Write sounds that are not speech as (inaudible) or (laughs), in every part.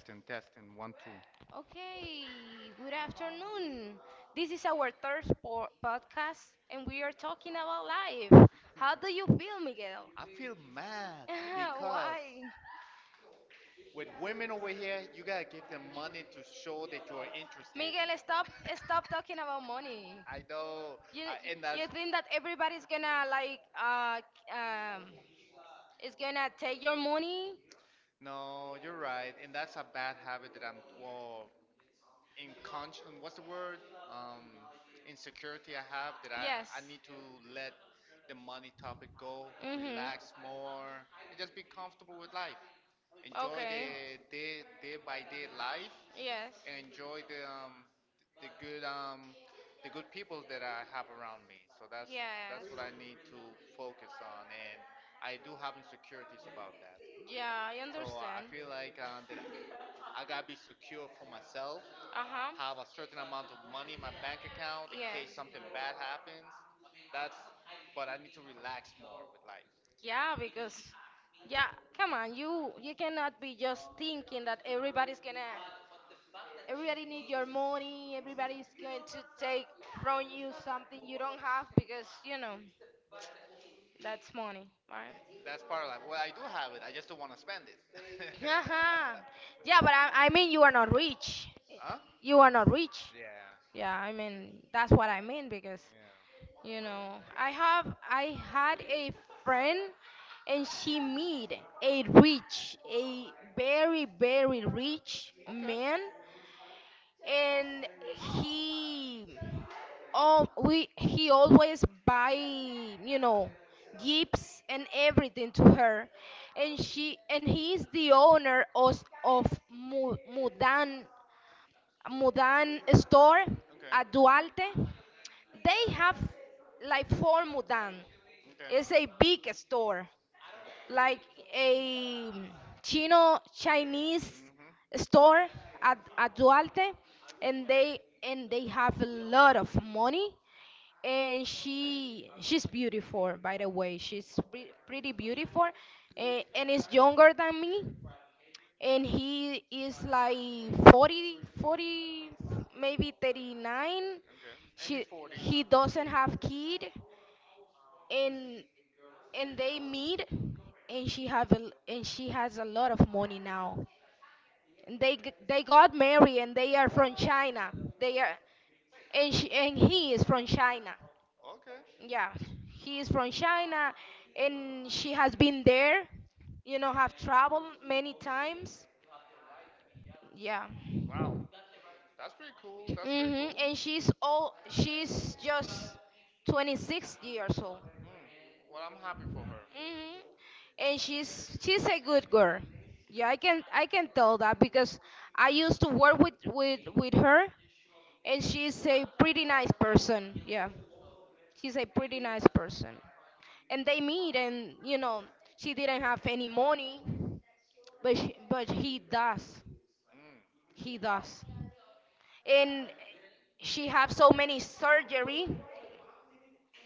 Testing, testing, one, two. Okay, good afternoon. This is our third podcast and we are talking about life. How do you feel, Miguel? I feel (laughs) mad because Why? with women over here, you gotta give them money to show that you are Miguel, interested. stop talking about money. I know. You I, and you that's think that everybody's gonna like um is gonna take your money? No, you're right, and that's a bad habit that I'm. Well, in con what's the word, um, insecurity I have that Yes. I need to let the money topic go, Mhm. relax more, and just be comfortable with life. Enjoy Okay. the day by day life, Yes. and enjoy the good um, the good people that I have around me. So that's Yes. that's what I need to focus on, and I do have insecurities about that. Yeah, I So understand. I feel like, that I gotta be secure for myself, Uh huh. have a certain amount of money in my bank account in Yes. case something bad happens. That's, but I need to relax more with life. Yeah, because yeah, come on, you cannot be just thinking that everybody need your money, everybody's going to take from you something you don't have because that's money, right? Yeah, that's part of life. Well, I do have it. I just don't want to spend it. Uh-huh. Yeah, (laughs) but I mean you are not rich. Huh? You are not rich. Yeah. Yeah, I mean that's what I mean because Yeah. You know, I had a friend and she met a very very rich Okay. man and he oh we he always buy, gifts and everything to her and she and he is the owner of Mu- Mudan Mudan store at Okay. Duarte. They have like four Mudan. Okay. It's a big store, like a Chino Chinese Mhm. Mm. Mm. store at Duarte, and they have a lot of money. And she's beautiful, by the way. She's pretty beautiful, and is younger than me and he is like 40 40 maybe 39. Okay. she In his he forties. doesn't have kid and they meet and she has a lot of money now and they they got married and they are from What? China, they are and he is from China. Okay. Yeah, he is from China and she has been there, have traveled many times. Yeah. Wow. That's pretty cool. That's Hmm. pretty And cool. Mm. she's just 26 years old. Well, I'm happy for her. Hmm. And she's a good girl. Yeah, I can tell that because I used to work with her and she's a pretty nice person. Yeah. She's a pretty nice person. And they meet and she didn't have any money, but he does. Mm. He Wow. does. And she have so many surgery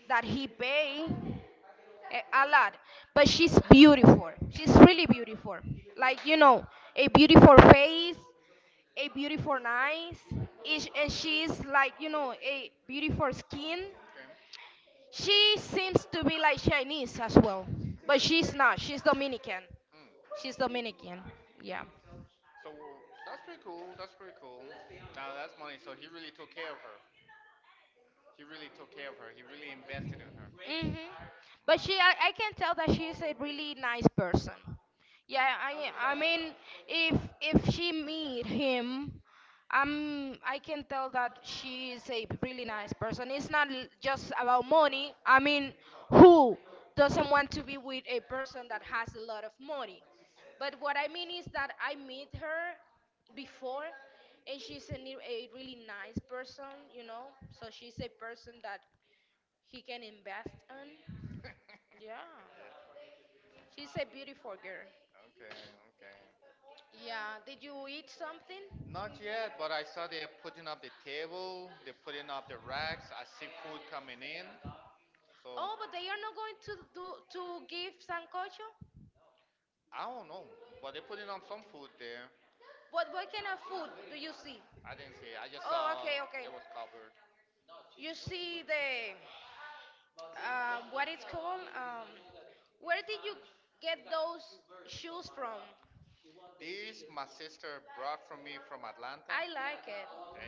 that he pay a lot. But she's beautiful. She's really Mm. beautiful. Like a beautiful face, Okay. a beautiful eyes, and she's like a beautiful skin. She seems to be like Chinese as well, but Okay. she's not. She's Dominican. Mm. She's Dominican. Yeah. So that's pretty cool. That's pretty cool. Now that's money. So he really took care of her. He really took care of her. He really invested in her. Hmm. But I can tell that she's a really nice person. Yeah, I mean, if she meet him, I can tell that she is a really nice person. It's not just about money. I mean, who doesn't want to be with a person that has a lot of money? But what I mean is that I meet her before, and she's a really nice person. So she's a person that he can invest on. (laughs) Yeah, Yeah. she's a beautiful girl. Okay. Okay. Yeah, did you eat something? Not yet, but I saw they're putting up the table, they're putting up the racks. I see food coming in. Oh, So but they are not going to give sancocho. I don't know, but they're putting up some food there. What kind of food do you see? I didn't see it. I just Oh, okay, saw okay. it was covered. You see the what it's called? Where did you get those shoes from? This my sister brought from me from I Atlanta. like it.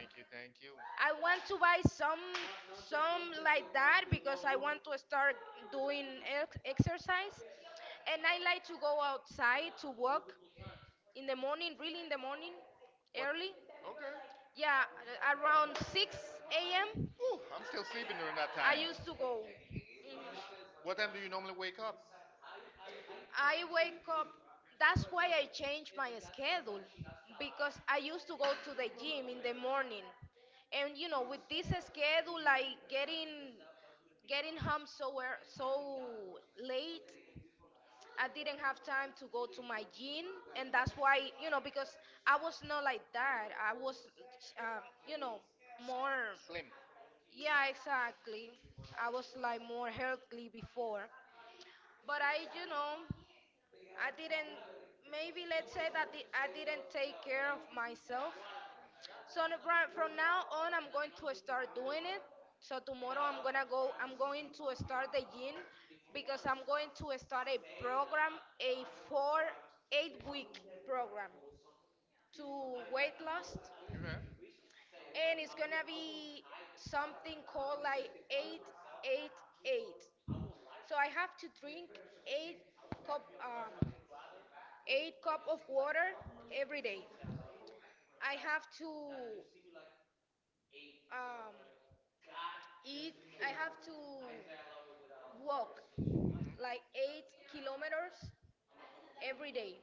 Thank you, thank you. I want to buy some like that because I want to start doing exercise and I like to go outside to walk in the In the morning, morning, really in in the the morning, morning. What? early. Okay. Yeah, Yeah, around around 6 six a.m. a.m. Ooh, I'm still sleeping during that I time. used to go. What time do you normally wake up? I wake up. That's why I changed my schedule because I used to go to the gym in the morning, and with this schedule, like getting home so late, I didn't have time to go to my gym, and that's why, because I was not like that. I was, um, you know, more. Slim. Yeah, exactly. I was like more healthy before, but I. I didn't, maybe let's say that the, I didn't take care of myself. So from now on, I'm going to start doing it. So tomorrow I'm gonna go. I'm going to start the gym because I'm going to start a program, a 4, 8-week program to weight loss, Okay. And it's gonna be something called like eight, eight, eight. So I have to drink 8 cup. Eight cup of water every day. I have to um, eat. I have to walk like 8 kilometers every day.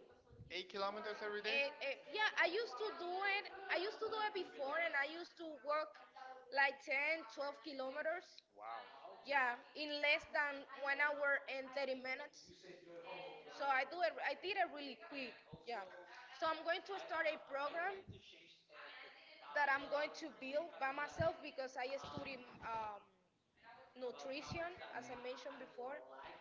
Every And, day? and yeah, I used to do it. I used to do it before, and I used to walk like 10, 12 kilometers. Wow. Yeah, in less than 1 hour and 30 minutes. So I do it. I did it really quick. Yeah. So I'm going to start a program that I'm going to build by myself because I study um, nutrition, as I mentioned before.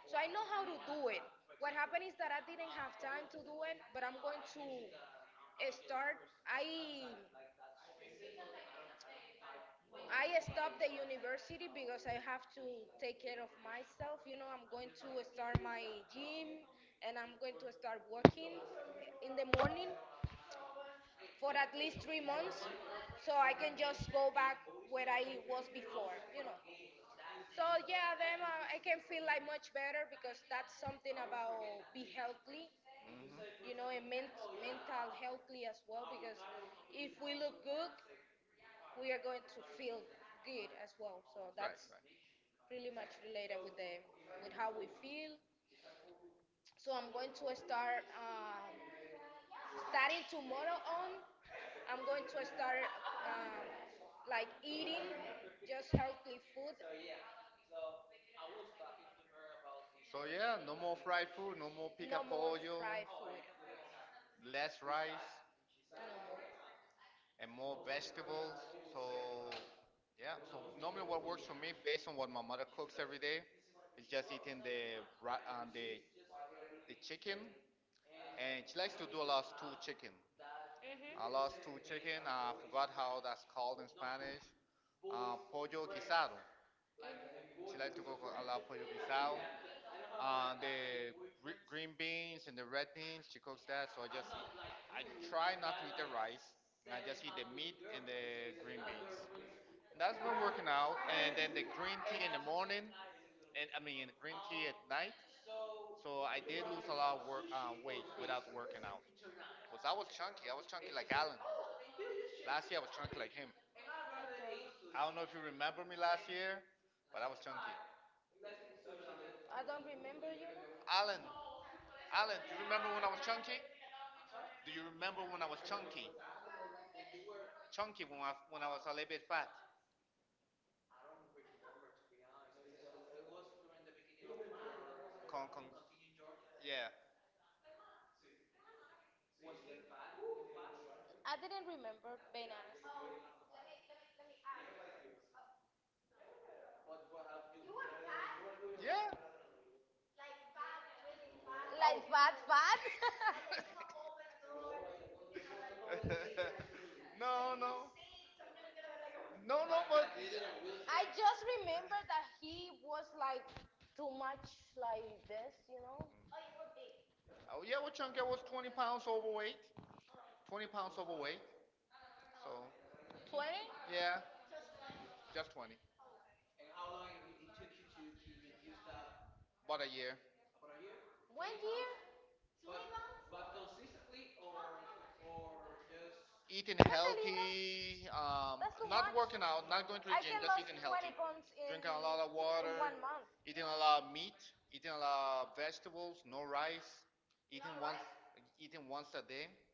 So I know how to do it. What happened is that I didn't have time to do it, but I'm going to start. I stopped the university because I have to take care of myself. I'm going to start my gym and I'm going to start working in the morning for at least 3 months so I can just go back where I was before. So yeah, then I can feel like much better because that's something about be healthy, Hmm. And mental healthy as well. Because if we look good, we are going to feel good as well. So Right, that's right. really much related with the with how we feel. So I'm going to start, starting tomorrow on. I'm going to start um, like eating just healthy food. So So yeah, yeah, no no more more fried food, no fried more No pica more pollo, fried food. less rice No more. and more vegetables. So yeah, so normally what works for me based on what my mother cooks every day is just eating the ri- the chicken, and she likes to do a lot of stew chicken. Mhm. A lot of stew Mhm. chicken, I forgot how that's called in Spanish. Pollo guisado. She likes to cook a lot of pollo guisado. The green beans and the red beans, she cooks that. So I just eat, I try not to eat the rice, and I just eat the meat and the green beans. And that's been working out. And then the green tea in the morning, and I mean green tea at night. So I did lose a lot of weight without working out. Cause I was chunky. I was chunky like Alan. Last year I was chunky like him. I don't know if you remember me last year, but I was chunky. I don't remember. Alan, Alan, do you remember when I was chunky? Do you remember when I was chunky? When I was a little bit fat. I don't remember to be honest. Yeah. It was during the beginning of. Yeah. Con, con, yeah, Was it bad? It I didn't remember, being honest. Oh. yeah. Like bad, really bad. Like (laughs) I just what? (laughs) No, no, no, no. But remember that he was like too much like this. 20. oh yeah, well, chunky. I was 20 pounds overweight. 20 pounds overweight. So yeah, just 20. And how long it took you to, reduce that? About a year. About a One year? But, but consistently or just Eating Vente, Libra. healthy. That's too much. Not working out. Not going I to the can gym. lose Just eating 20 healthy. pounds in, Drinking a lot of in one water. month. Eating a lot of meat. Eating a lot of vegetables. No rice. All Eating right. once. Eating once a day.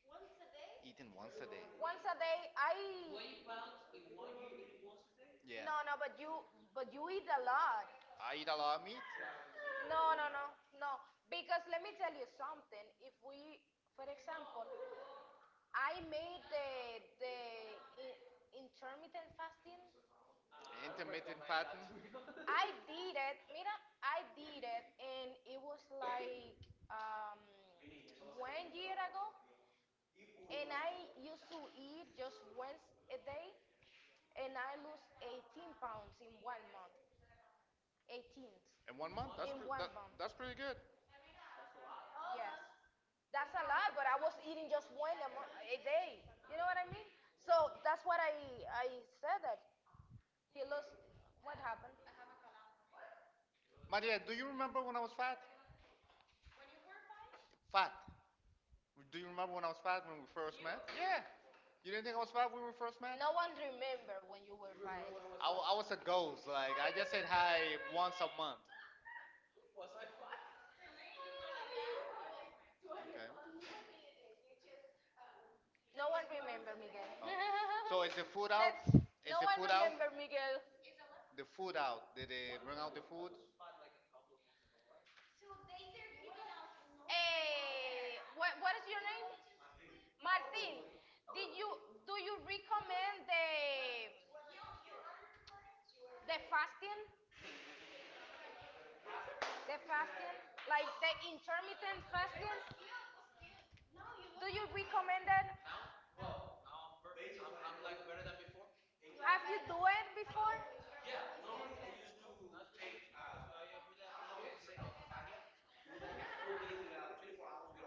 Once a day? Eating once a day. Once a day, I 20 pounds in one year in once a day? No, Yeah. no, but you eat a lot. I eat a lot of meat, No, no, no, no. Because let me tell you something. If we, for example, I made the the in, intermittent fasting. I don't recommend intermittent that to fasting, you. (laughs) I did it. Mira, I did it, and it was like um, one year ago, and I used to eat just once a day, and I lost 18 pounds in one month. 18. and one In month. in That's one pre- that, month. that's pretty good. Yes. That's a lot, but I was eating just one a day. You know what I mean? So that's what I said that he lost. What happened? Maria, do you remember when I was fat? Fat. Do you remember when I was fat when we first met? Yeah. You didn't think I was fat when we first No met? one remember when you were five. Fat. I was a ghost. Like I just said hi once a month. Was I five? Okay. No one remember Miguel. Oh. So is the (laughs) food Let's. out? No Is one the food remember out? Miguel. I The food out? Did they bring out the food? like Hey, what is your name? Martin, did you do you recommend the fasting? The fasting, like the intermittent fasting? Do you recommend that? Now, well, now I'm perfect. I'm like better than before. Have you do it before? Yeah, normally we use not really.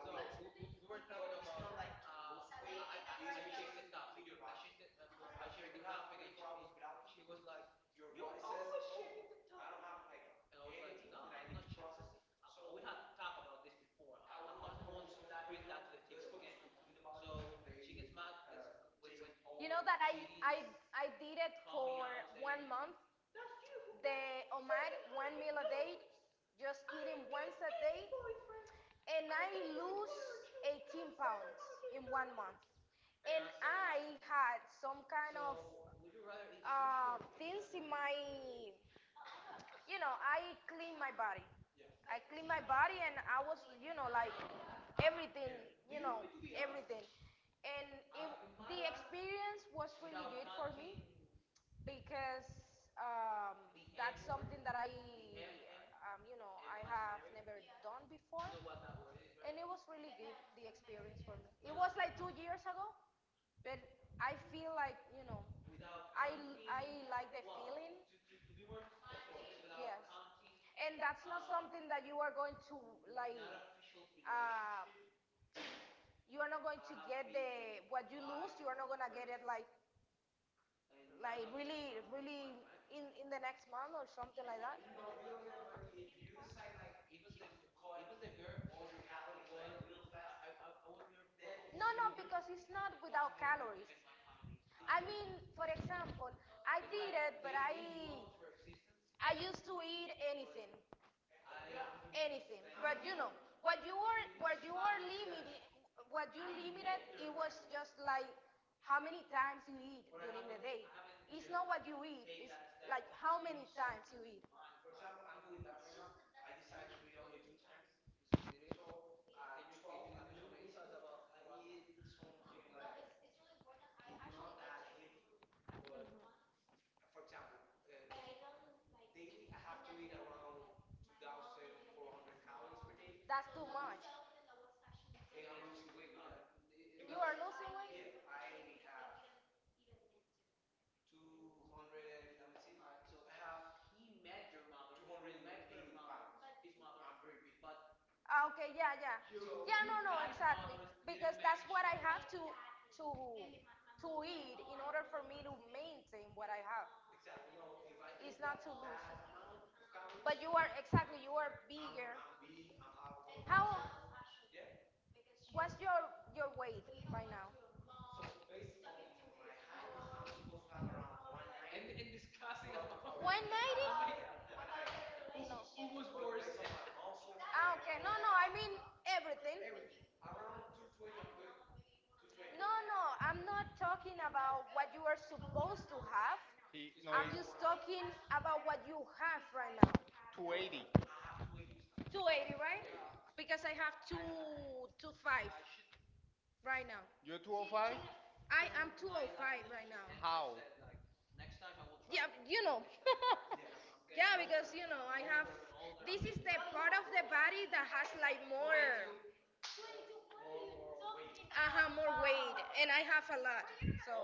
We were talking about. I checked it out. Checked it. I checked. She was like, I we not talk about this before. I want to bring that to the table. You know that I I did it for one month. The Omar one meal a day, just eating once a day, and I lose 18 pounds in one month. And I had some kind of uh, things in my, I clean my body. Yeah. I clean my body, and I was, like everything, you know, everything. And it, the experience was really good for me because, we that's ever, something that I, we I have never. Yeah. Done before. You what that word is, right? And right, it was really good the experience for me. It. Yeah. Was like 2 years ago, but I feel like, without like the. Wow. Feeling. To, to be more performing without, yes, counting, and that's not something that you are going to like. Not official relationship. You are not going to have get been the being, what you lose. You are not gonna get it like really, really in the next month or something like that. No, no, because it's not without calories. I mean, for example, I did it, but I used to eat anything, anything. But what you are limited, what you limited, it was just like how many times you eat during the day. It's not what you eat. It's like how many times you eat. It's really important. I That's too much. You are losing weight? He met your mother. His mother, I'm very weak, but okay, yeah. Yeah, no, no, Exactly. Because that's what I have to to eat in order for me to maintain what I have. It's not to that lose. But you are exactly you are bigger. How what's your weight right now? And discussing about. 190? (laughs) No. Okay. No, I mean everything. No, I'm not talking about what you are supposed to have. He no, I'm just he, talking about what you have right now. 280. 280, right? Because I have two five right now. You're 205. I I am am 205 right now. How? Yeah, you know. (laughs) I have. This is the part of the body that has like more I have more weight and I have a lot. So,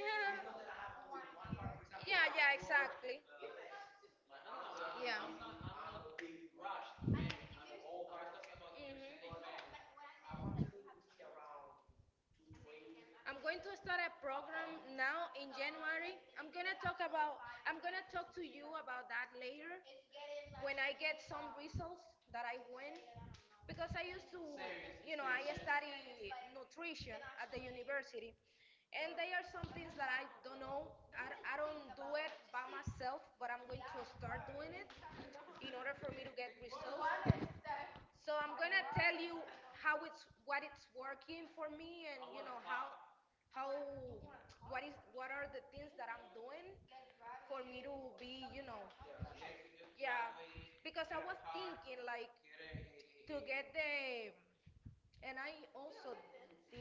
yeah, yeah, exactly. Yeah. hmm I'm going to start a program now in January. I'm gonna talk about. I'm gonna talk to you about that later when I get some results that I win. Because I used to, I study nutrition at the university, and there are some things that I don't know. I don't do it by myself, but I'm going to start doing it in order for me to get results. So I'm gonna tell you how it's what it's working for me and you know how what is what are the things that I'm doing for me to be you know. Yeah, because I was thinking like to get the and I also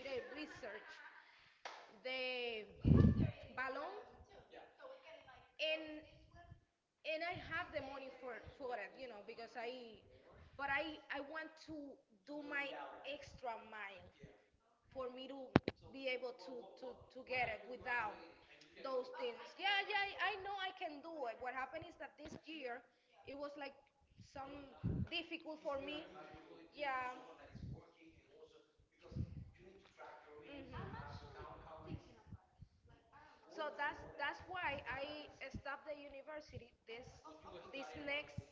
did a research the balloon and and I have the money for it you know because I but I want to do my extra mile for me to be able to get it without those things. Yeah, I know I can do it. What happened is that this year it was like some difficult for me. Yeah. Mhm. So that's why I stopped the university this next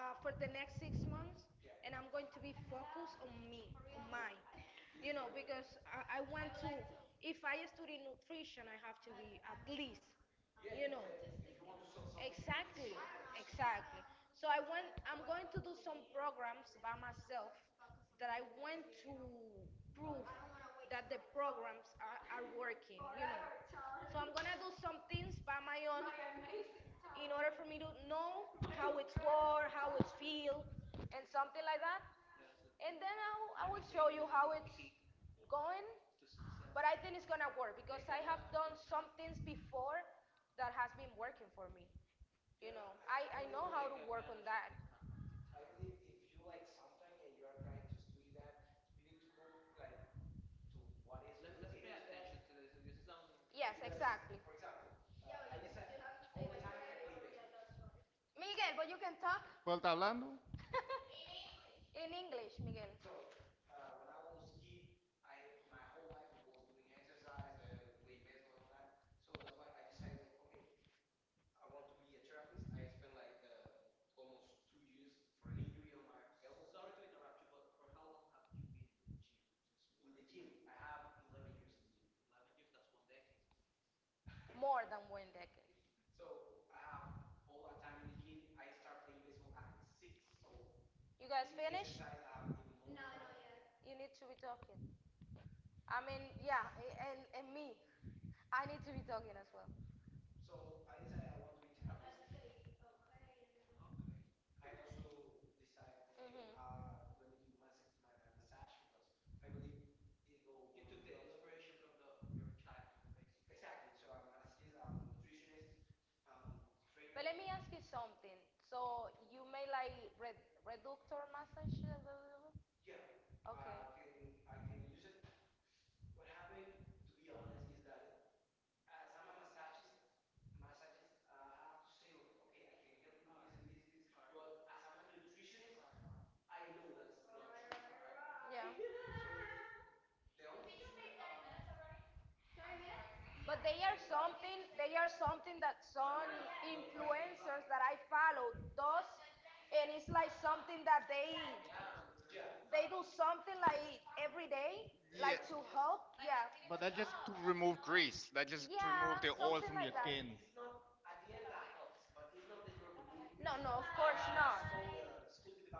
for the next 6 months, and I'm going to be focused on me, on mine. You know, because I want to. If I study nutrition, I have to be at least, you know, Exactly, exactly. So I went. I'm going to do some programs by myself that I want to prove that the programs are working. You know. So I'm gonna do some things by my own in order for me to know how it's work, how it feel, and something like that. And then I will show you how it's going. But I think it's gonna work because I have done some things before that has been working for me. You know, I know how to work on that. Yes, exactly. Miguel, but you can talk Vuelta hablando. in English, Miguel. More than one decade. You guys finished yet. You need to be talking. I mean, yeah, and me, I need to be talking as well. hmm But let me ask you something. So you may like re reductor massage? Blah, blah, blah? Okay. Yeah. But they are something that some influencers that I follow does and it's like something that they do something like every day Yeah, like to help yeah but that just to remove grease. That just to remove the yeah oil from something your like that. skin. No, Of course not.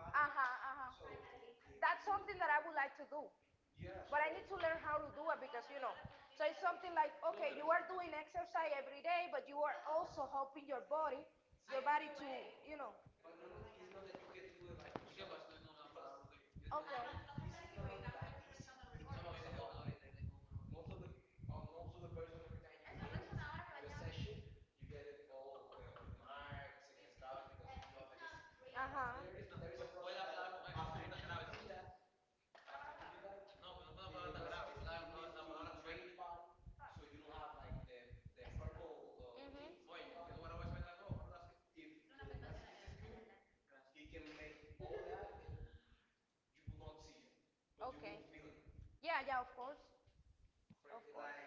Uh huh, uh huh. That's something that I would like to do. But I need to learn how to do it because, you know, so it's something like, okay, you are doing exercise every day, but you are also helping your body to, you know, okay. Uh huh. Mhm. Okay. Yeah, of course. Of course.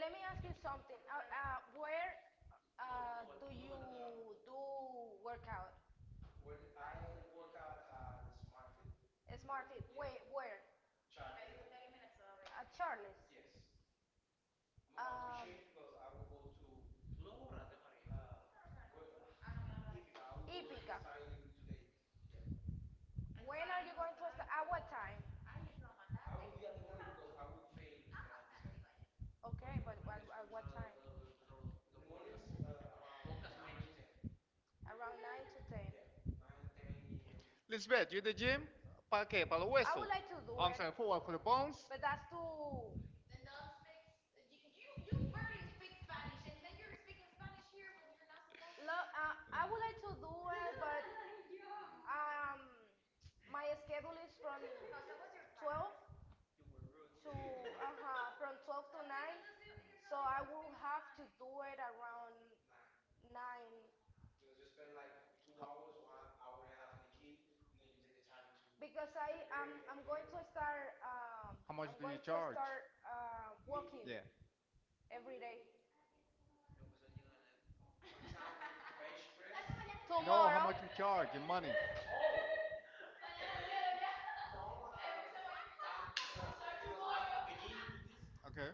But let me ask you something. Where do you do workout? Smart Fit. Where? At Charles. Um, Ipica. When are you going to start? At what time? Okay, but at what time? Around 9 to 10. Lisbeth, you at the gym? Pa qué? Pa los I I huesos. would like to do I'm it, sorry, for what? For the bones? but that's too. And then you're speaking Spanish here when you're not supposed to. I would like to Yeah. do it, but um, my schedule is from 12 to uh-huh, from 12 to 9, so I will have to do it around 9 because I'm going to start How much do you charge? Walking Yeah. every day. No, how much Tomorrow, you charge in money? Okay.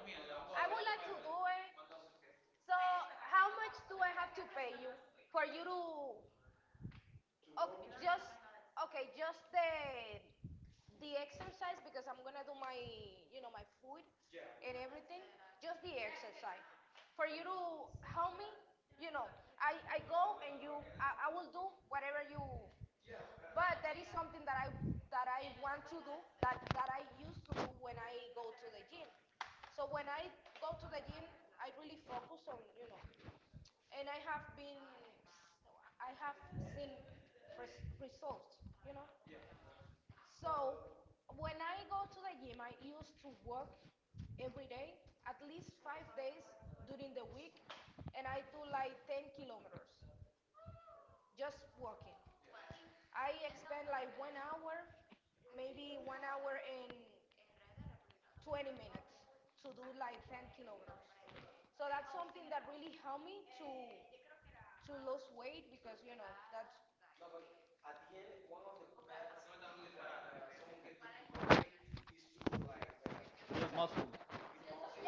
I would like to do it. So how much do I have to pay you for you to ok- just okay, just the exercise because I'm gonna do my you know my food and everything. Just the exercise for you to help me. You know, I will do whatever you. But that is something that I want to do that I used to do when I go to the gym. So when I go to the gym, I really focus on you know and I have been, I have seen results, you know. So when I go to the gym, I used to work every day, at least 5 days during the week, and I do like 10 kilometers just walking. I expend like 1 hour, maybe 1 hour and 20 minutes to do like 10 kilograms. So that's something that really helped me to lose weight because you know that's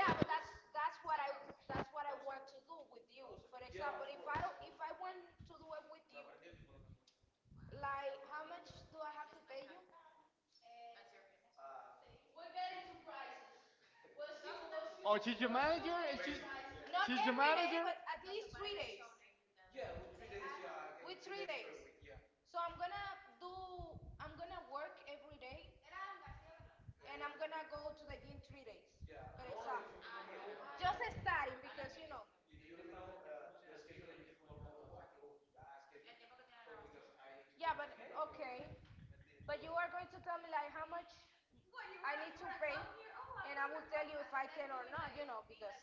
yeah, but that's what I want to do with you. For example, if I want to do it with you, like how much do I have to pay you? That's your. We'll get into price. We'll see. Oh, What she's your got manager? him And she's, surprised was you was not she's your every day, manager? but at least 3 days. With 3 days. So do, I'm gonna work every day and I'm gonna go to the gym 3 days. For example. Going just starting because you know. The schedule that you put on. Yeah, but okay. But you are going to tell me like how much I need to pay and I will tell you if I can or not, you know, because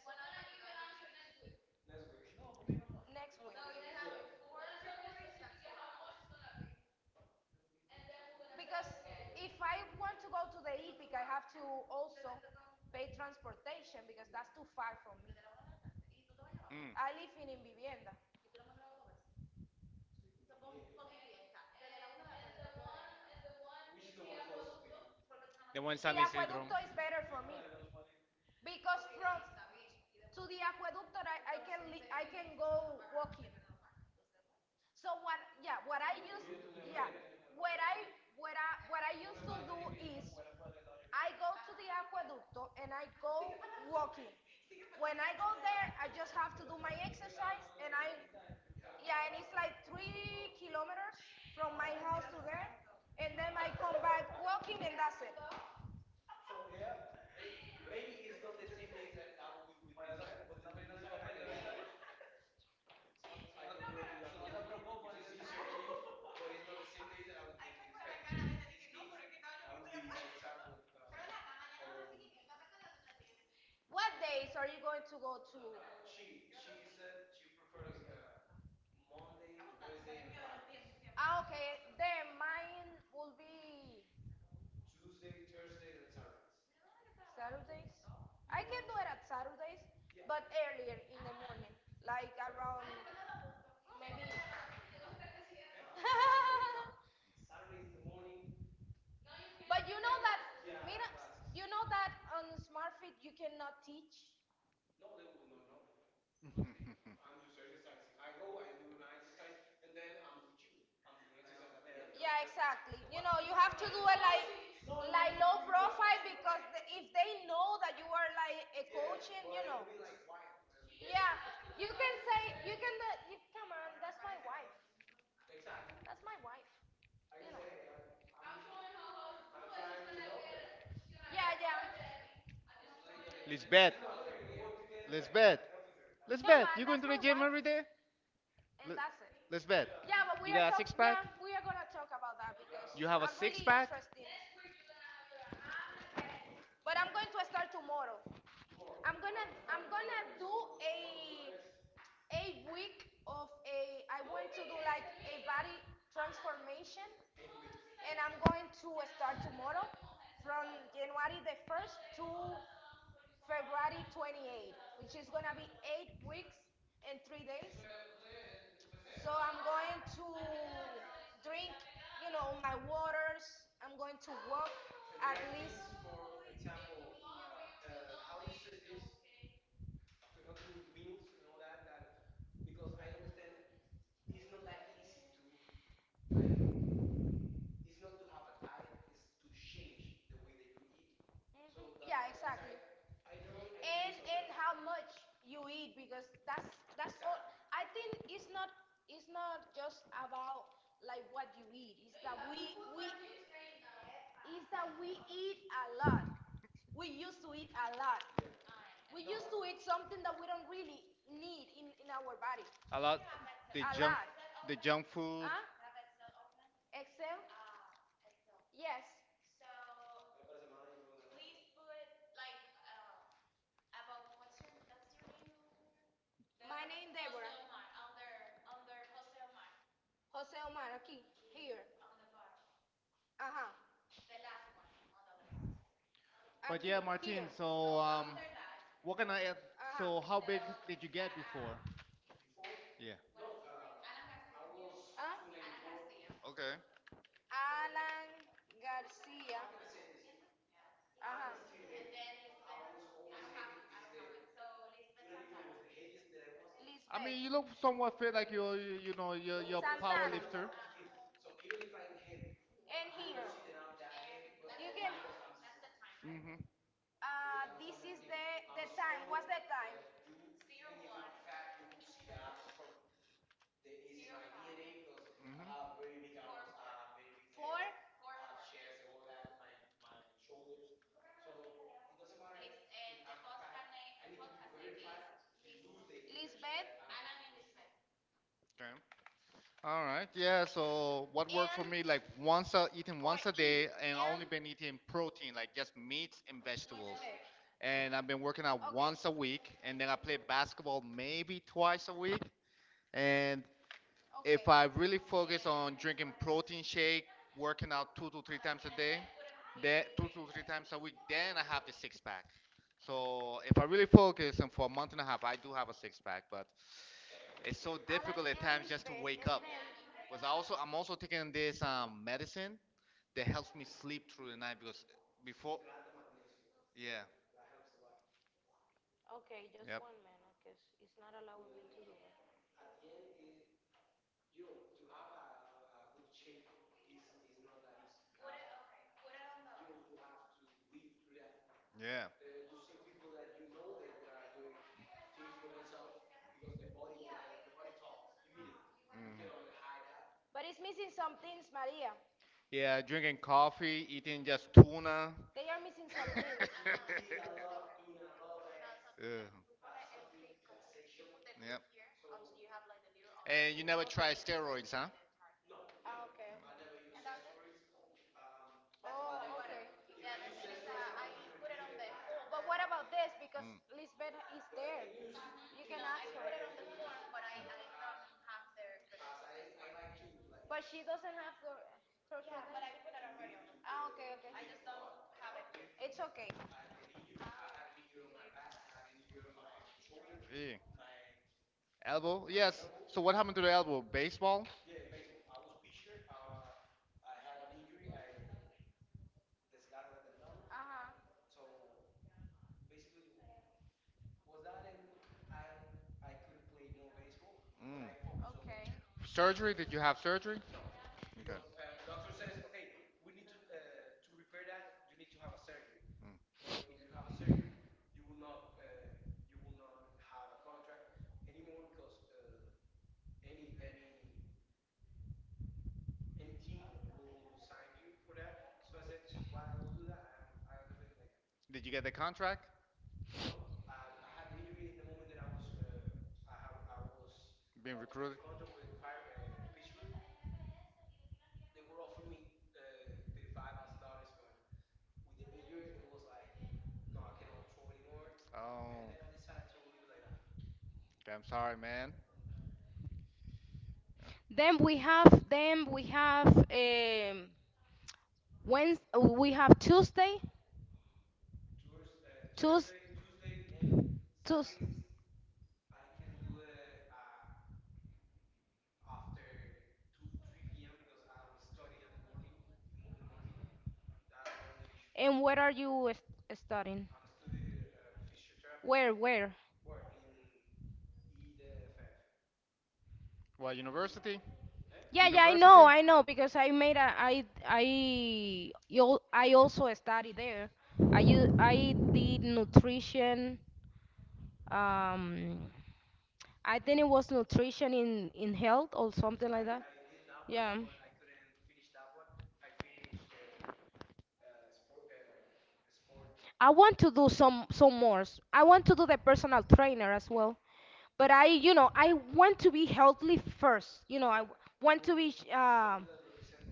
next No, week. No, No, because if I want to go to the Epic, I have to also pay transportation because that's too far from me. Mm, I live in Invivienda. Yeah. The nueve. Is the one in aqueducto, San Isidro. is better for me because ok, from to the aqueducto I can go walking. So what? Yeah, What I used, yeah, what I what I used to do is I go to the aqueducto and I go walking. When I go there, I just have to do my exercise yeah, and it's like 3 kilometers from my house to there, and then I come back walking and that's it. What days are you going to go to? She said she prefers. Okay. Then mine will be Saturdays? I can do it at Saturdays, but earlier in the morning, like around maybe. (laughs) But you know that, mira, you know that on SmartFit you cannot teach. For me. Yeah, exactly. You know, you have to do it like low profile because if they know that you are like a coaching, you know. Yeah, you can say you can. Come on, that's my wife. That's my wife. You know. Yeah, yeah. (laughs) Yeah, Lisbeth. Lisbeth. Lisbeth, man, you going to that's the my gym wife, every day? Li- and that's it. Lisbeth, Yeah, but you we are got a six talk. talking pack? Yeah, About, we are gonna talk about that because you have a I'm six really really pack? interested. But I'm going to start tomorrow. I'm gonna do a a week of a. I want to do like a body transformation, and I'm going to start tomorrow from January the first to February 28th, which is gonna be 8 weeks and 3 days. So I'm going to drink, you know, my waters. I'm going to walk at least. So Mhm. That's yeah, what I'm exactly saying. I don't agree And on and that. How much you eat because that's all. Exactly. I think it's not just about like what you eat. It's that we it's that we eat a lot. We used to eat a lot. Yeah. We used to eat something that we don't really need in our body. A lot The the A a junk lot. lot. The You, junk food. huh? Excel? Yes about what's your name? The my name Deborah. Jose Omar on there Jose Omar Jose Omar, aquí, here. On the bar. Ajá, the last one on the list. But Aquí, yeah, here. Martin, so After that, what can I add? So how big ajá. did you get before? Yeah. Ah, Okay. Alan Garcia. Ajá. I mean, you Lisbeth. look somewhat fit, like you're, you know, you're a power Santana. lifter. And here. You can. Mm-hmm. This is the time. What's the time? six Mm-hmm. Four. Lisbeth. Okay. All right. Yeah. So what worked for me, like Anne eating or once a day, and only Anne been eating protein, like just meats and vegetables. Lisbeth. And I've been working out Okay. once a week, and then I play basketball maybe twice a week. And if Okay. I really focus on drinking protein shake, working out two to three times a day, then two to three times a week, then I have the six pack. So if I really focus and for a month and a half, I do have a six pack, but it's so Alan difficult at times just to Lisbeth wake and up. then. Because I also I'm also taking this medicine that helps me sleep through the night because before, yeah, Okay, just yep, 1 minute because it's not allowing me to do it. yeah, hmm, But it's missing some things, Maria. yeah, drinking coffee, eating just tuna. They are missing some things. No, (laughs) Ugh. Yep. And you never try steroids, huh? Okay, okay. Oh, okay. But what about this? Because Mm. Lisbeth is there. You can ask her. But she doesn't have the her credentials. Okay, okay. It's okay. Eh. Elbow? Yes. So what happened to the elbow? Baseball? Uh-huh. Mm. Okay. Surgery? Did you have surgery? Okay. Mm. Did you get the contract? Being recruited? Oh, okay. I'm sorry, man. Yeah. Then we have um, Wednes we have Tuesday, Tues, Tues. And where are you studying? Where? What university? Yeah, yeah, University? I know, because I also study there. I did nutrition. Um, I think it was nutrition in health or something like that. Yeah. I want to do some more. I want to do the personal trainer as well. But I want to be healthy first. You know, I w- want to be. Sh-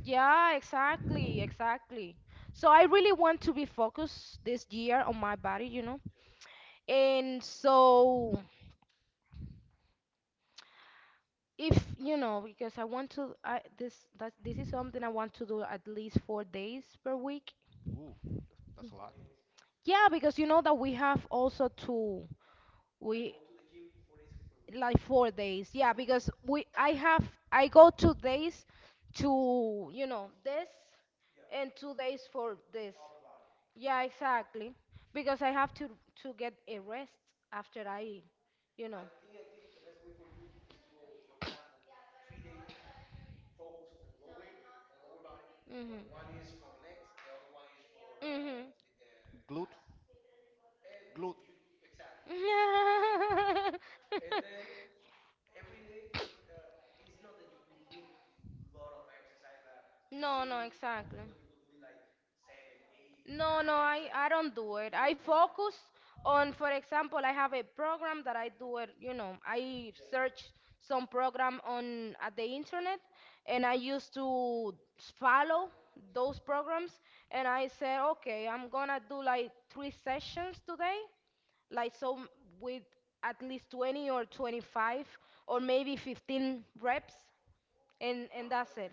yeah, exactly, exactly. So I really want to be focused this year on my body. You know, and so if you know, because I want to, I, this is something I want to do at least 4 days per week. Ooh, that's a lot. Yeah, because you know that we have also to we. Like 4 days. Yeah, because we I have I go 2 days to, you know, this, and 2 days for this. Yeah, exactly, because I have to get a rest after I you know hmm. Glute? Glute. Hmm. (laughs) No, no, exactly. No, no, I don't do it. I focus on, for example, I have a program that I do it, you know, I search some program on at the internet, and I used to follow those programs. And I say, okay, I'm gonna do like three sessions today, like so with at least 20 or 25, or maybe 15 reps, and that's it.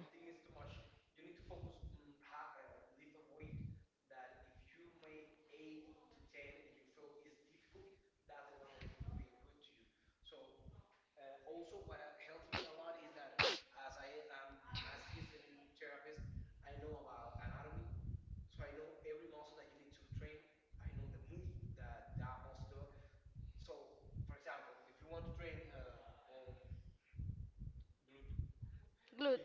Glute.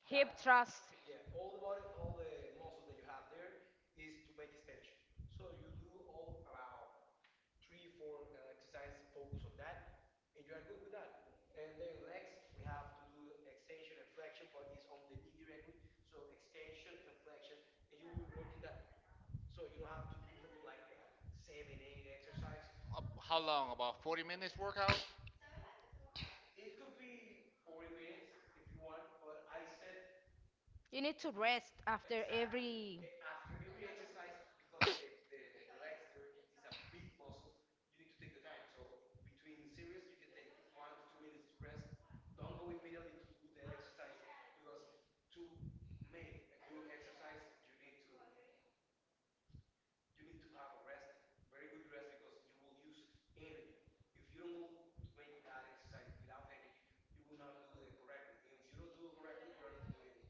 Hip thrust. How long? About 40 minutes workout? You need to rest after every.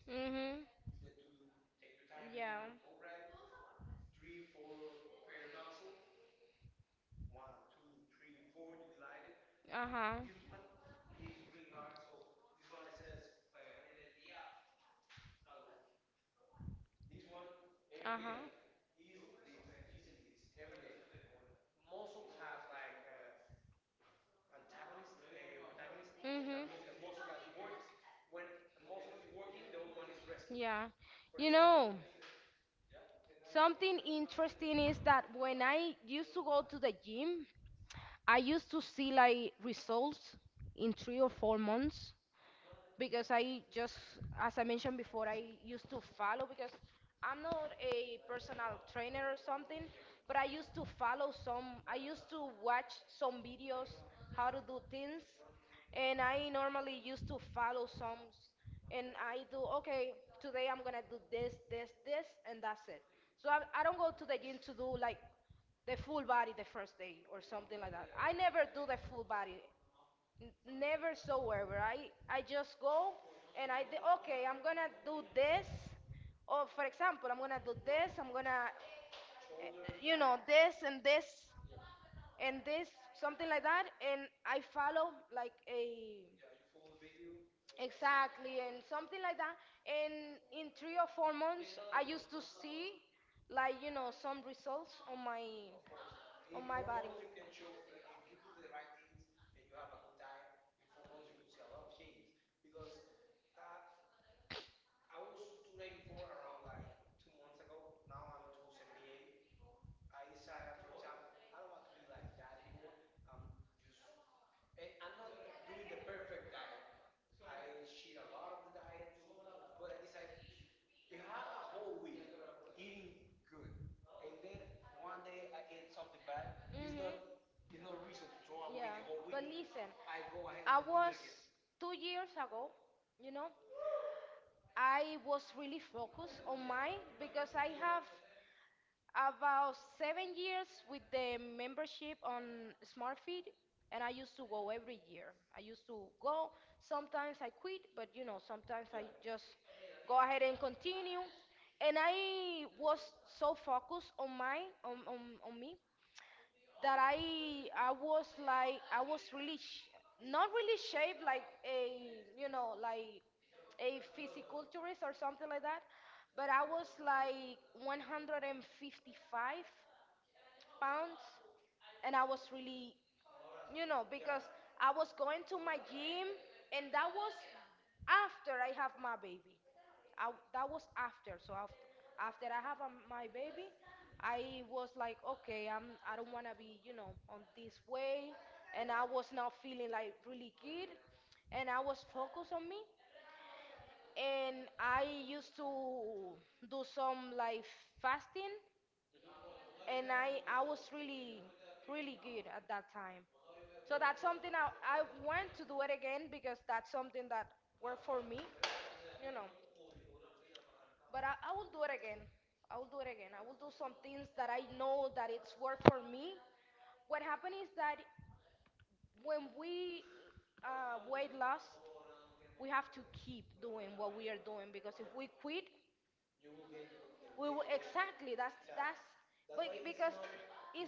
Mhm. Yeah. Uh huh. Uh huh. Mhm. Yeah. You know, something interesting is that when I used to go to the gym, I used to see like results in 3 or 4 months, because I just, as I mentioned before, I used to follow because I'm not a personal trainer or something, but I used to follow some, I used to watch some videos how to do things, and I normally used to follow some, and I do, okay, today I'm gonna do this, this, this, and that's it. So I don't go to the gym to do like the full body the first day or something like that. I never do the full body. N- Never so wherever. I just go, and okay, I'm gonna do this. Or for example, I'm gonna do this. I'm gonna, you know, this and this and this, something like that. And I follow like a, exactly, and something like that. And in 3 or 4 months, I used to see like, you know, some results on my body. Listen, again. 2 years ago, you know, I was really focused on mine because I have about 7 years with the membership on SmartFeed, and I used to go every year. I used to go. Sometimes I quit, but, you know, sometimes I just go ahead and continue. And I was so focused on me that I was like I was really not really shaped like a, you know, like a physiculturist or something like that, but I was like 155 pounds, and I was really, you know, because I was going to my gym, and that was after I have my baby. That was after. So after I have my baby, I was like, okay, I don't wanna be, you know, on this way, and I was not feeling like really good, and I was focused on me, and I used to do some like fasting. And I was really really good at that time. So that's something I want to do it again because that's something that worked for me, you know. But I will do it again. I will do it again. I will do some things that I know that it's worked for me. What happened is that when we weight loss, we have to keep doing what we are doing, because if we quit, we will, exactly, that's but because it's.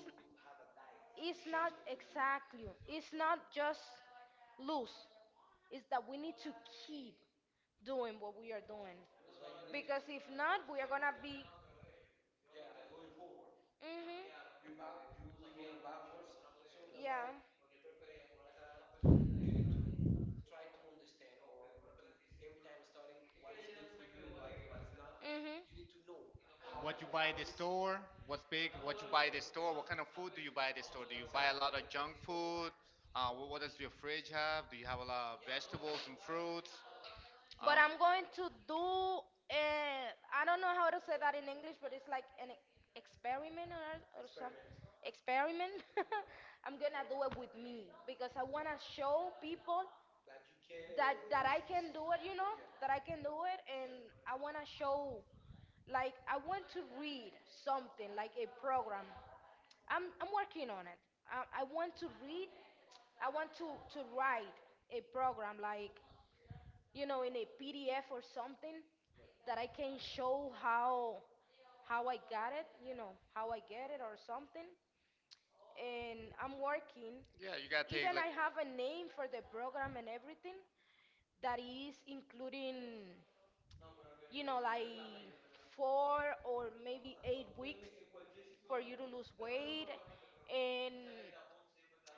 It's not exactly. It's not just lose. It's that we need to keep doing what we are doing. Because if not, we are gonna be. Hmm. Yeah. Hmm. What you buy at the store? What's big? What you buy at the store? What kind of food do you buy at the store? Do you buy a lot of junk food? What does your fridge have? Do you have a lot of vegetables and fruits? But Um, I'm going to do I don't know how to say that in English, but it's like an experiment, or some experiment. (laughs) I'm gonna do it with me because I wanna show people that I can do it, you know, that I can do it. And I wanna show, like, I want to read something like a program. I'm working on it. I want to read. I want to write a program like, you know, in a PDF or something that I can show how I got it, you know, how I get it or something. And I'm working. yeah, you gotta Even take I like have a name for the program and everything that is including, you know, like 4 or maybe 8 weeks for you to lose weight, and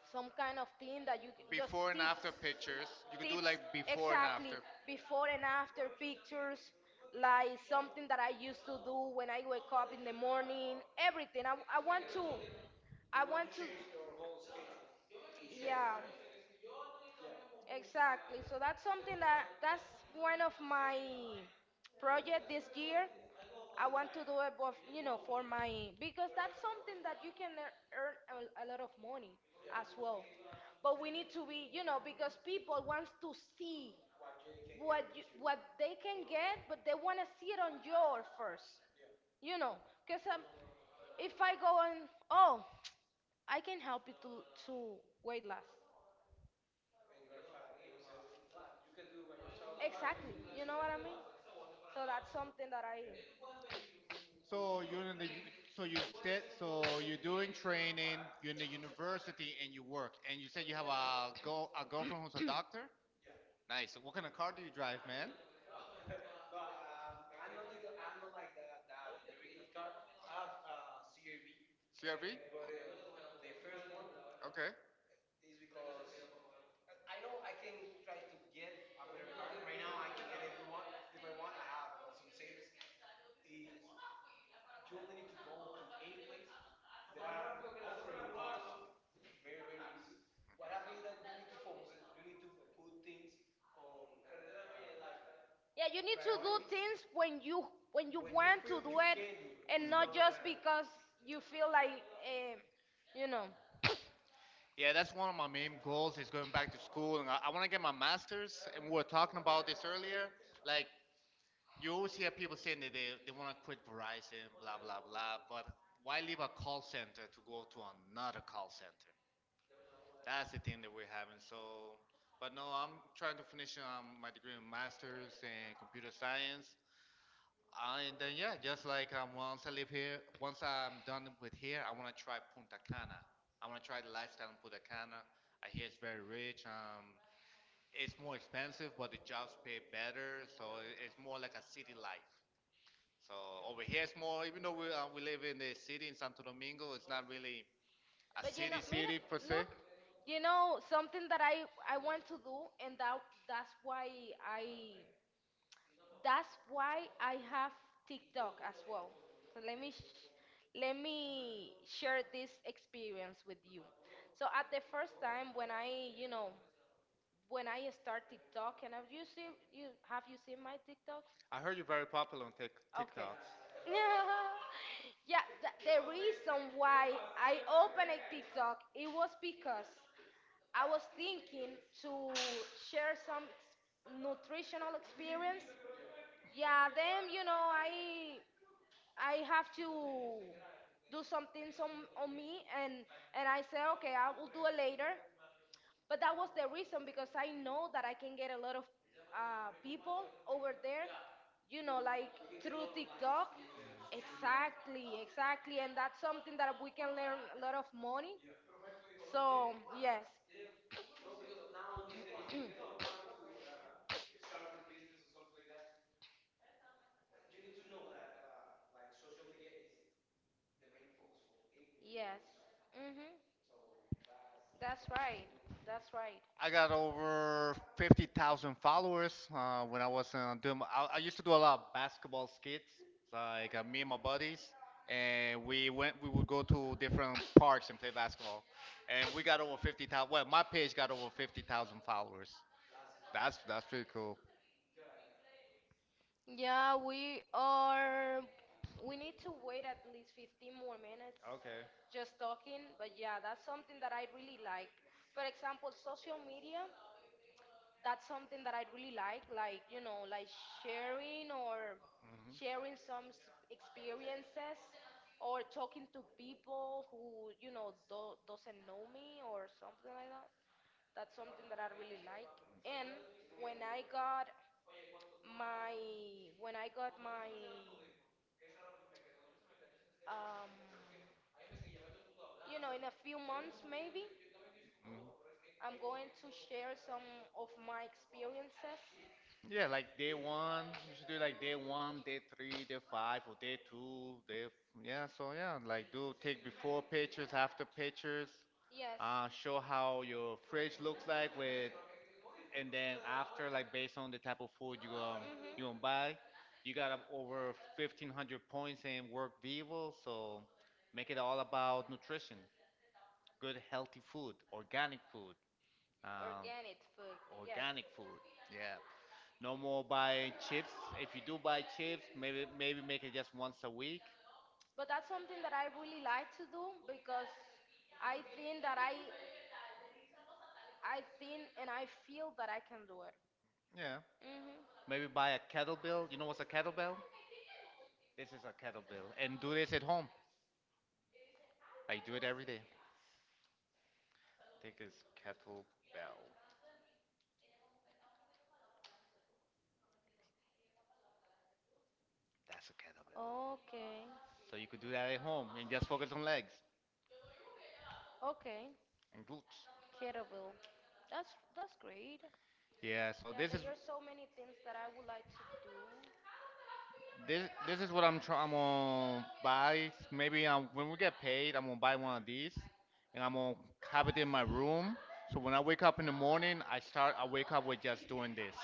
some kind of thing that you just before and tips. after pictures. You could do Tips, like before and exactly, after. before and after pictures, like something that I used to do when I wake up in the morning, everything. I want to, i want to yeah. Exactly. So that's something that's one of my project this year. I want to do it, both, you know, for my, because that's something that you can earn a lot of money as well. But we need to be, you know, because people wants to see what they can get, but they want to see it on your first, you know, because if I go and, oh, I can help you to weight loss. Exactly. You know what I mean? So that's something that I. So you're in the so you're doing training, you're in the university and you work, and you said you have a girlfriend who's a doctor. Nice. What kind of car do you drive, man? CRV. Okay. Yeah, you need Mhm. to do things when you when you want to feel, do you, it can do it, and it's not just a because you feel like you know. Yeah, that's one of my main goals is going back to school, and I want to get my master's. And we were talking about this earlier. Like you always hear people saying that they want to quit Verizon, blah, blah, blah, but why leave a call center to go to another call center? That's the thing that we're having. So, but no, I'm trying to finish my degree in master's in computer science. And then, yeah, just like, once I live here, once I'm done with here, I want to try Punta Cana. I want to try the lifestyle in Punta Cana. I hear it's very rich. It's more expensive, but the jobs pay better. So it's more like a city life. So over here it's more, even though we live in the city in Santo Domingo, it's not really a But, you city know, city mira, per se. look, you know something that I want to do, and I that's why I have TikTok as well. So let me share this experience with you. So at the first time when I, you know, when I start TikTok, and have you seen my TikToks? I heard you're very popular on Okay. TikTok. (laughs) Yeah, the reason why I opened a TikTok, it was because I was thinking to share some nutritional experience. Yeah, then, you know, I have to do some things on, me, and I said, okay, I will do it later, but that was the reason because I know that I can get a lot of people over there, you know, like through TikTok. Exactly, exactly. And that's something that we can learn a lot of money. So, yes, yes. Mm-hmm. That's right. That's right. I got over 50,000 followers when I was doing. I used to do a lot of basketball skits, like me and my buddies, and we went. We would go to different parks and play basketball, and we got over 50,000. Well, my page got over 50,000 followers. That's pretty cool. Yeah, we are. We need to wait at least 15 more minutes, Okay. just talking. But yeah, that's something that I really like. For example, social media — that's something that I really like, you know, like sharing or Hmm. sharing some experiences, or talking to people who, you know, doesn't know me or something like that. That's something that I really like. And when I got my when I got my, um, you know, in a few months maybe, Mhm. I'm going to share some of my experiences. Yeah, like day one, you should do like day one, day three, day five, or day two, yeah. So yeah, like do take before pictures, after pictures, Yes. Mhm. show how your fridge looks like with, and then after, like based on the type of food you gonna buy, you got up over 1,500 points in Work Vivo, so make it all about nutrition, good healthy food, organic food. Um, Organic food, yes. Organic food. Yeah, no more buying chips. If you do buy chips, maybe make it just once a week. But that's something that I really like to do because I think that I think and I feel that I can do it. Yeah, Mhm. maybe buy a kettlebell. You know what's a kettlebell? This is a kettlebell, and do this at home. I do it every day. Take this kettlebell. That's a kettlebell. Okay. So you could do that at home and just focus on legs Okay. and glutes. Kettlebell. That's great. Yeah. So Yeah, this is there are so many things that I would like to do. This this is what I'm trying. I'm gonna buy. Maybe when we get paid, I'm gonna buy one of these, and I'm gonna have it in my room. So when I wake up in the morning, I start. I wake up with just doing this.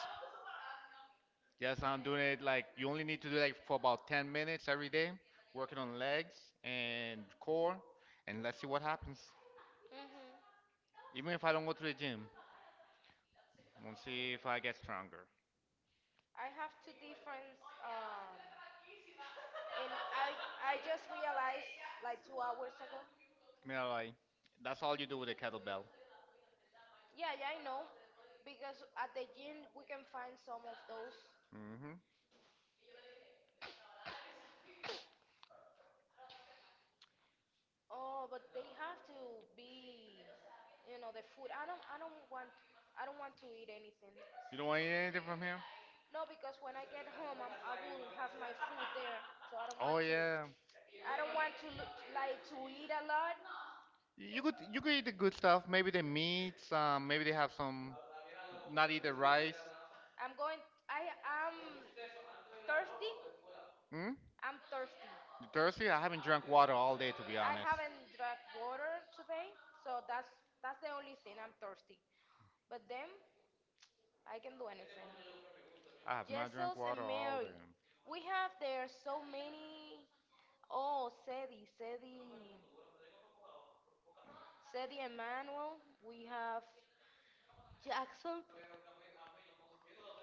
Just I'm doing it like you only need to do like for about 10 minutes every day, working on legs and core, and let's see what happens. Mhm. Even if I don't go to the gym, we'll see if I get stronger. I have two different, and I just realized like 2 hours ago. Yeah, like that's all you do with a kettlebell. Yeah, yeah, I know, because at the gym we can find some of those. hmm Oh, but they have to be, you know, the food. I don't want to eat anything. You don't want to eat anything from here? No, because when I get home, I will have my food there, so I don't Oh want yeah. I don't want to look, like to eat a lot. You could eat the good stuff. Maybe the meats. Maybe they have some. Not eat the rice. I'm going. I am thirsty. Hmm? I'm thirsty. You thirsty? I haven't drank water all day, to be I honest. haven't drank water today, so that's the only thing. I'm thirsty. But then I can do anything. I have not drank Jesus water and all day. Mary. We have there so many. Oh, Sedi Emmanuel. We have Jackson.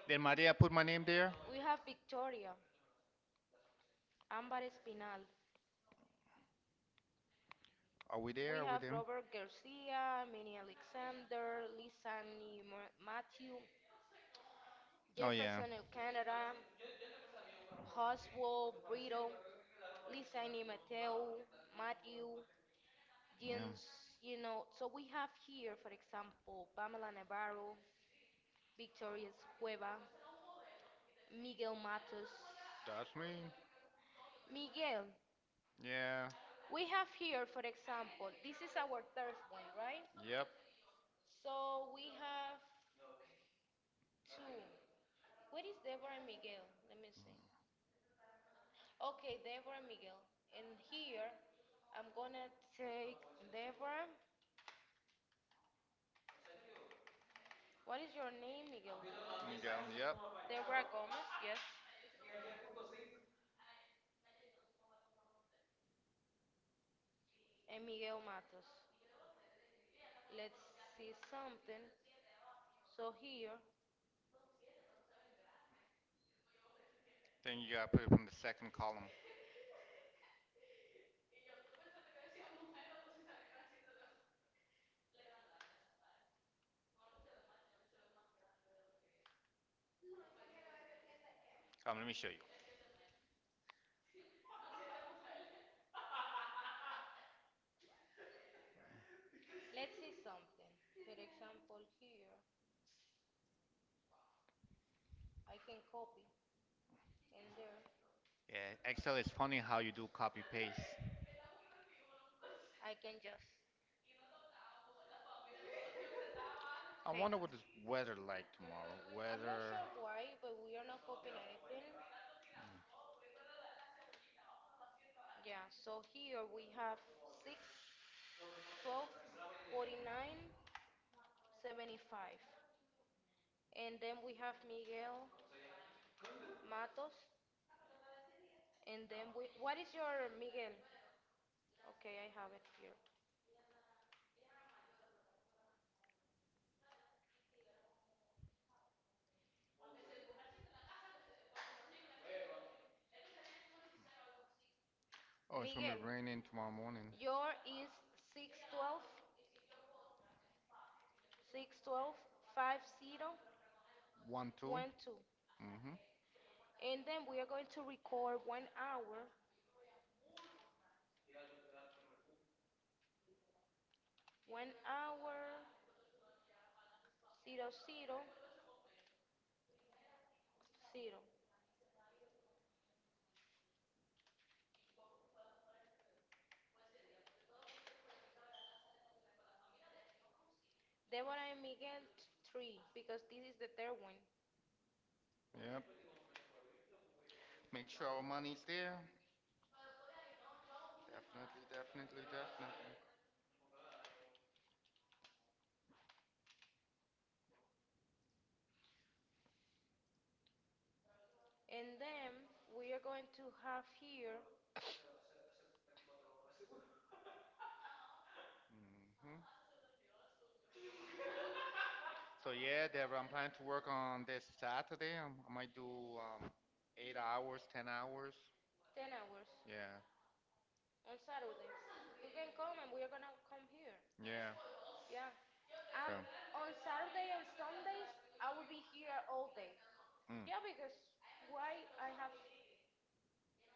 Did Maria put my name there? We have Victoria, Ámbar Espinal. We Are we have there? Robert Garcia, Minnie Alexander, Lisani Matthew, Oh yeah, Jefferson El Canada, Oswald Brito, Lisa and Mateo, Matthew, yeah. Jens. So we have here, for example, Pamela Navarro, Victoria Cueva, Miguel Matos. That's me. Miguel, Yeah. we have here, for example, this is our third one, right? Yep. So we have two. What is Deborah and Miguel? Let me see. Okay, Deborah and Miguel. And here, I'm gonna take Deborah. What is your name, Miguel? You got. Yep. Deborah Gomez, yes. And Miguel Matos. Let's see something. So here, Then you gotta put it from the second column. Come, let me show you. let's see something. For example, here, I can copy, and there, Yeah, Excel is funny how you do copy paste. I can just. I wonder pa- what this weather like tomorrow. I'm not Weather. sure why, but we are not copying anything. Yeah, so here we have 6, 12, 49, 75. And then we have Miguel Matos. And then we. What is your Miguel? Okay, I have it here. Oh, it's gonna be Miguel, raining tomorrow morning. your is 612. Six twelve five zero One, two. one two, Mm-hmm. And then we are going to record 1 hour, one hour, zero, zero, zero. Deborah and Miguel, three, because this is the third one. Yep. Make sure our money's there. Definitely, definitely, definitely. And then we are going to have here Mm-hmm. So yeah, Deborah, I'm planning to work on this Saturday. I might do um, 8 hours, 10 hours. 10 hours Yeah. on Saturdays. You can come and we are going to come here. Yeah. Yeah. Okay. Um, on Saturday and Sundays, I will be here all day. Mm. Yeah, because why I have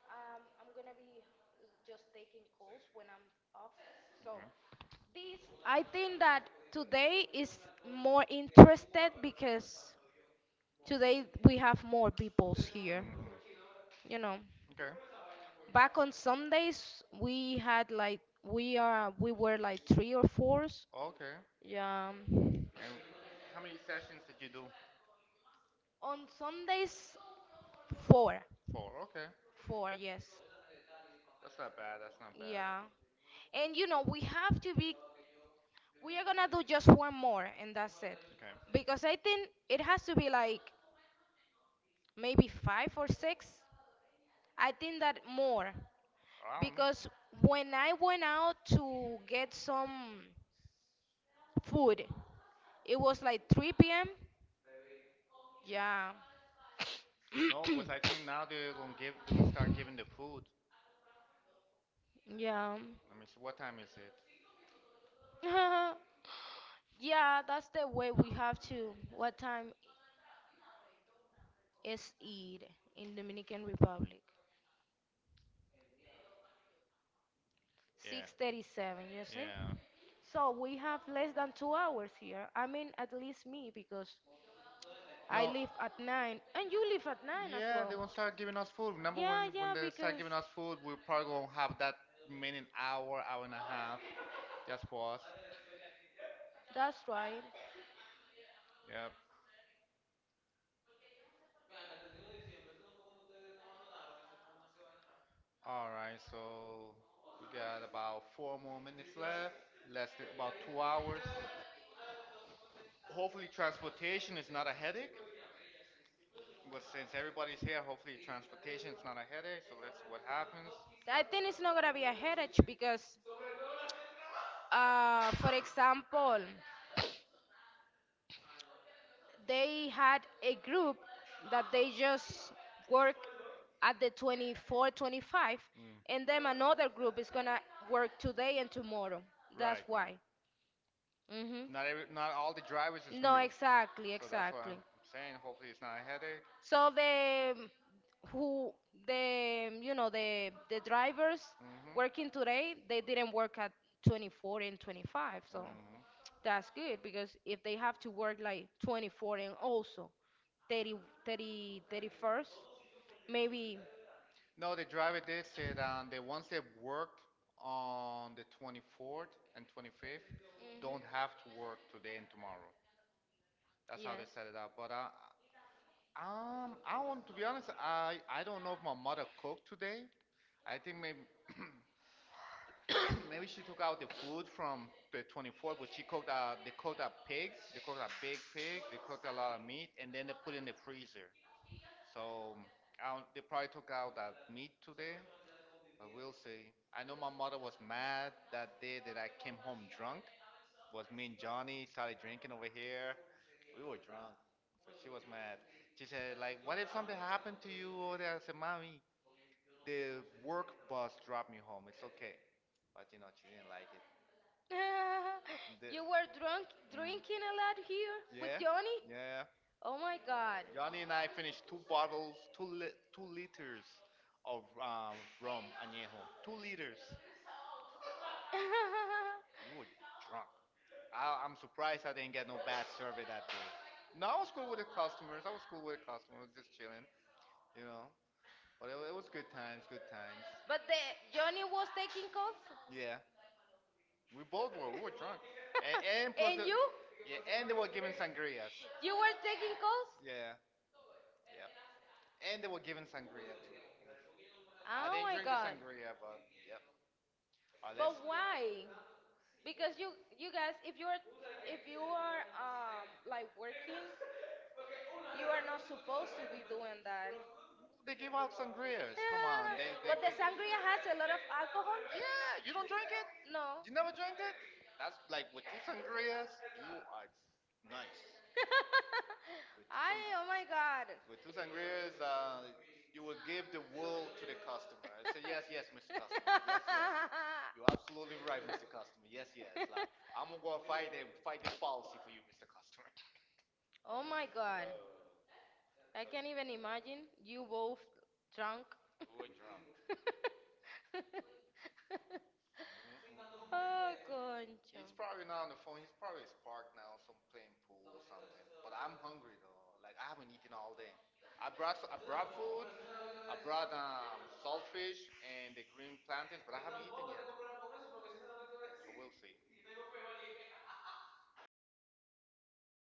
I'm gonna be just taking calls when I'm off. So Okay. this, I think that today is more interested because today we have more peoples here. hmm You know, Okay. back on Sundays we had, like, we were like three or fours. Okay. Yeah. And how many sessions did you do? On Sundays, four, Four. Okay. four, yes. That's not bad. That's not bad. Yeah. And, you know, we have to be we are gonna do just one more, and that's it. Okay. Because I think it has to be like maybe five or six. I think that more. I don't know. Because when I went out to get some food, it was like 3 p.m. Yeah. No, because I (coughs) think now they're gonna give. They're gonna start giving the food. Yeah. Let me see. What time is it? (laughs) Yeah, that's the way we have to — what time is it in Dominican Republic? Yeah, 6:37, you see? yeah. So we have less than 2 hours here. I mean, at least me, because I No, leave at 9, and you leave at 9 as yeah, well. they won't start giving us food. Remember when Yeah, when yeah, they start because giving us food, we probably won't have that remaining hour, hour and a half just for us. that's right. Yep. All right. So we got about four more minutes left. Less than about 2 hours. Hopefully, transportation is not a headache. But since everybody's here, hopefully transportation is not a headache. So let's see what happens. I think it's not gonna be a headache because, for example, they had a group that they just work at the 24:25, Mm. and then another group is gonna work today and tomorrow. Right, That's right. why. Hmm. Not all the drivers is gonna No, be. exactly, So that's what I'm exactly. saying. Hopefully, it's not a headache. So who the, you know, the drivers hmm working today, they didn't work at 24 and 25. So hmm that's good because if they have to work like 24 and also 30 30 31st, maybe. No, the driver did say that the ones that worked on the 24th and 25th Mhm. don't have to work today and tomorrow. That's how they Yes. set it up. I want to be honest. I don't know if my mother cooked today. I think maybe (clears throat) (coughs) maybe she took out the food from the 24th, but she cooked. They cooked a pig. They cooked a big pig. They cooked a lot of meat, and then they put it in the freezer. So I don't- they probably took out that meat today, but we'll see. I know my mother was mad that day that I came home drunk. Was me and Johnny started drinking over here. We were drunk, so she was mad. She said, like, what if something happened to you over there? I said, mommy, the work bus dropped me home. It's okay. But you know, she didn't like it. (laughs) The- You were drunk mm. drinking a lot here with Yeah, Johnny? yeah. Oh my god. Gani and I finished two bottles, 2 liters of rum añejo. 2 liters. (laughs) We were drunk. I'm surprised I didn't get no bad survey that day. No, I was cool with the customers. I was cool with the customers, just chilling, you know. It was good times, good times. But the Johnny was taking calls? Yeah, we both were. We were drunk, and, and (laughs) plus the, And you? yeah, and they were giving sangrias. You were taking calls? Yeah, yeah, and they were giving sangria too. I Oh didn't my drink the god. sangria, but yep. Unless. But why? Because you guys, if you are like working, you are not supposed to be doing that. They give out sangrias. Come on, they (laughs) they But the give. sangria has a lot of alcohol? Yeah, you don't drink it. No. You never drank it. That's like with two sangrias, you are nice. With two I, oh my god. sang- with two sangrias, you will give the world to the customer. I say yes, yes, Mr. Customer. (laughs) Yes, yes. You're absolutely right, Mr. Customer. Yes, yes. Like I'm gonna go fight and fight this policy for you, Mr. Customer. (laughs) Oh Oh my my God. God. I Can't can't even even imagine imagine you you both. both drunk. We were drunk. Mm, mm, mm. Oh, He's concha. probably not on the phone. He's probably parked now, some playing pool or something. But I'm hungry though. Like I haven't eaten all day. I brought food. I brought saltfish and the green plantains, but I haven't eaten yet. So we'll see.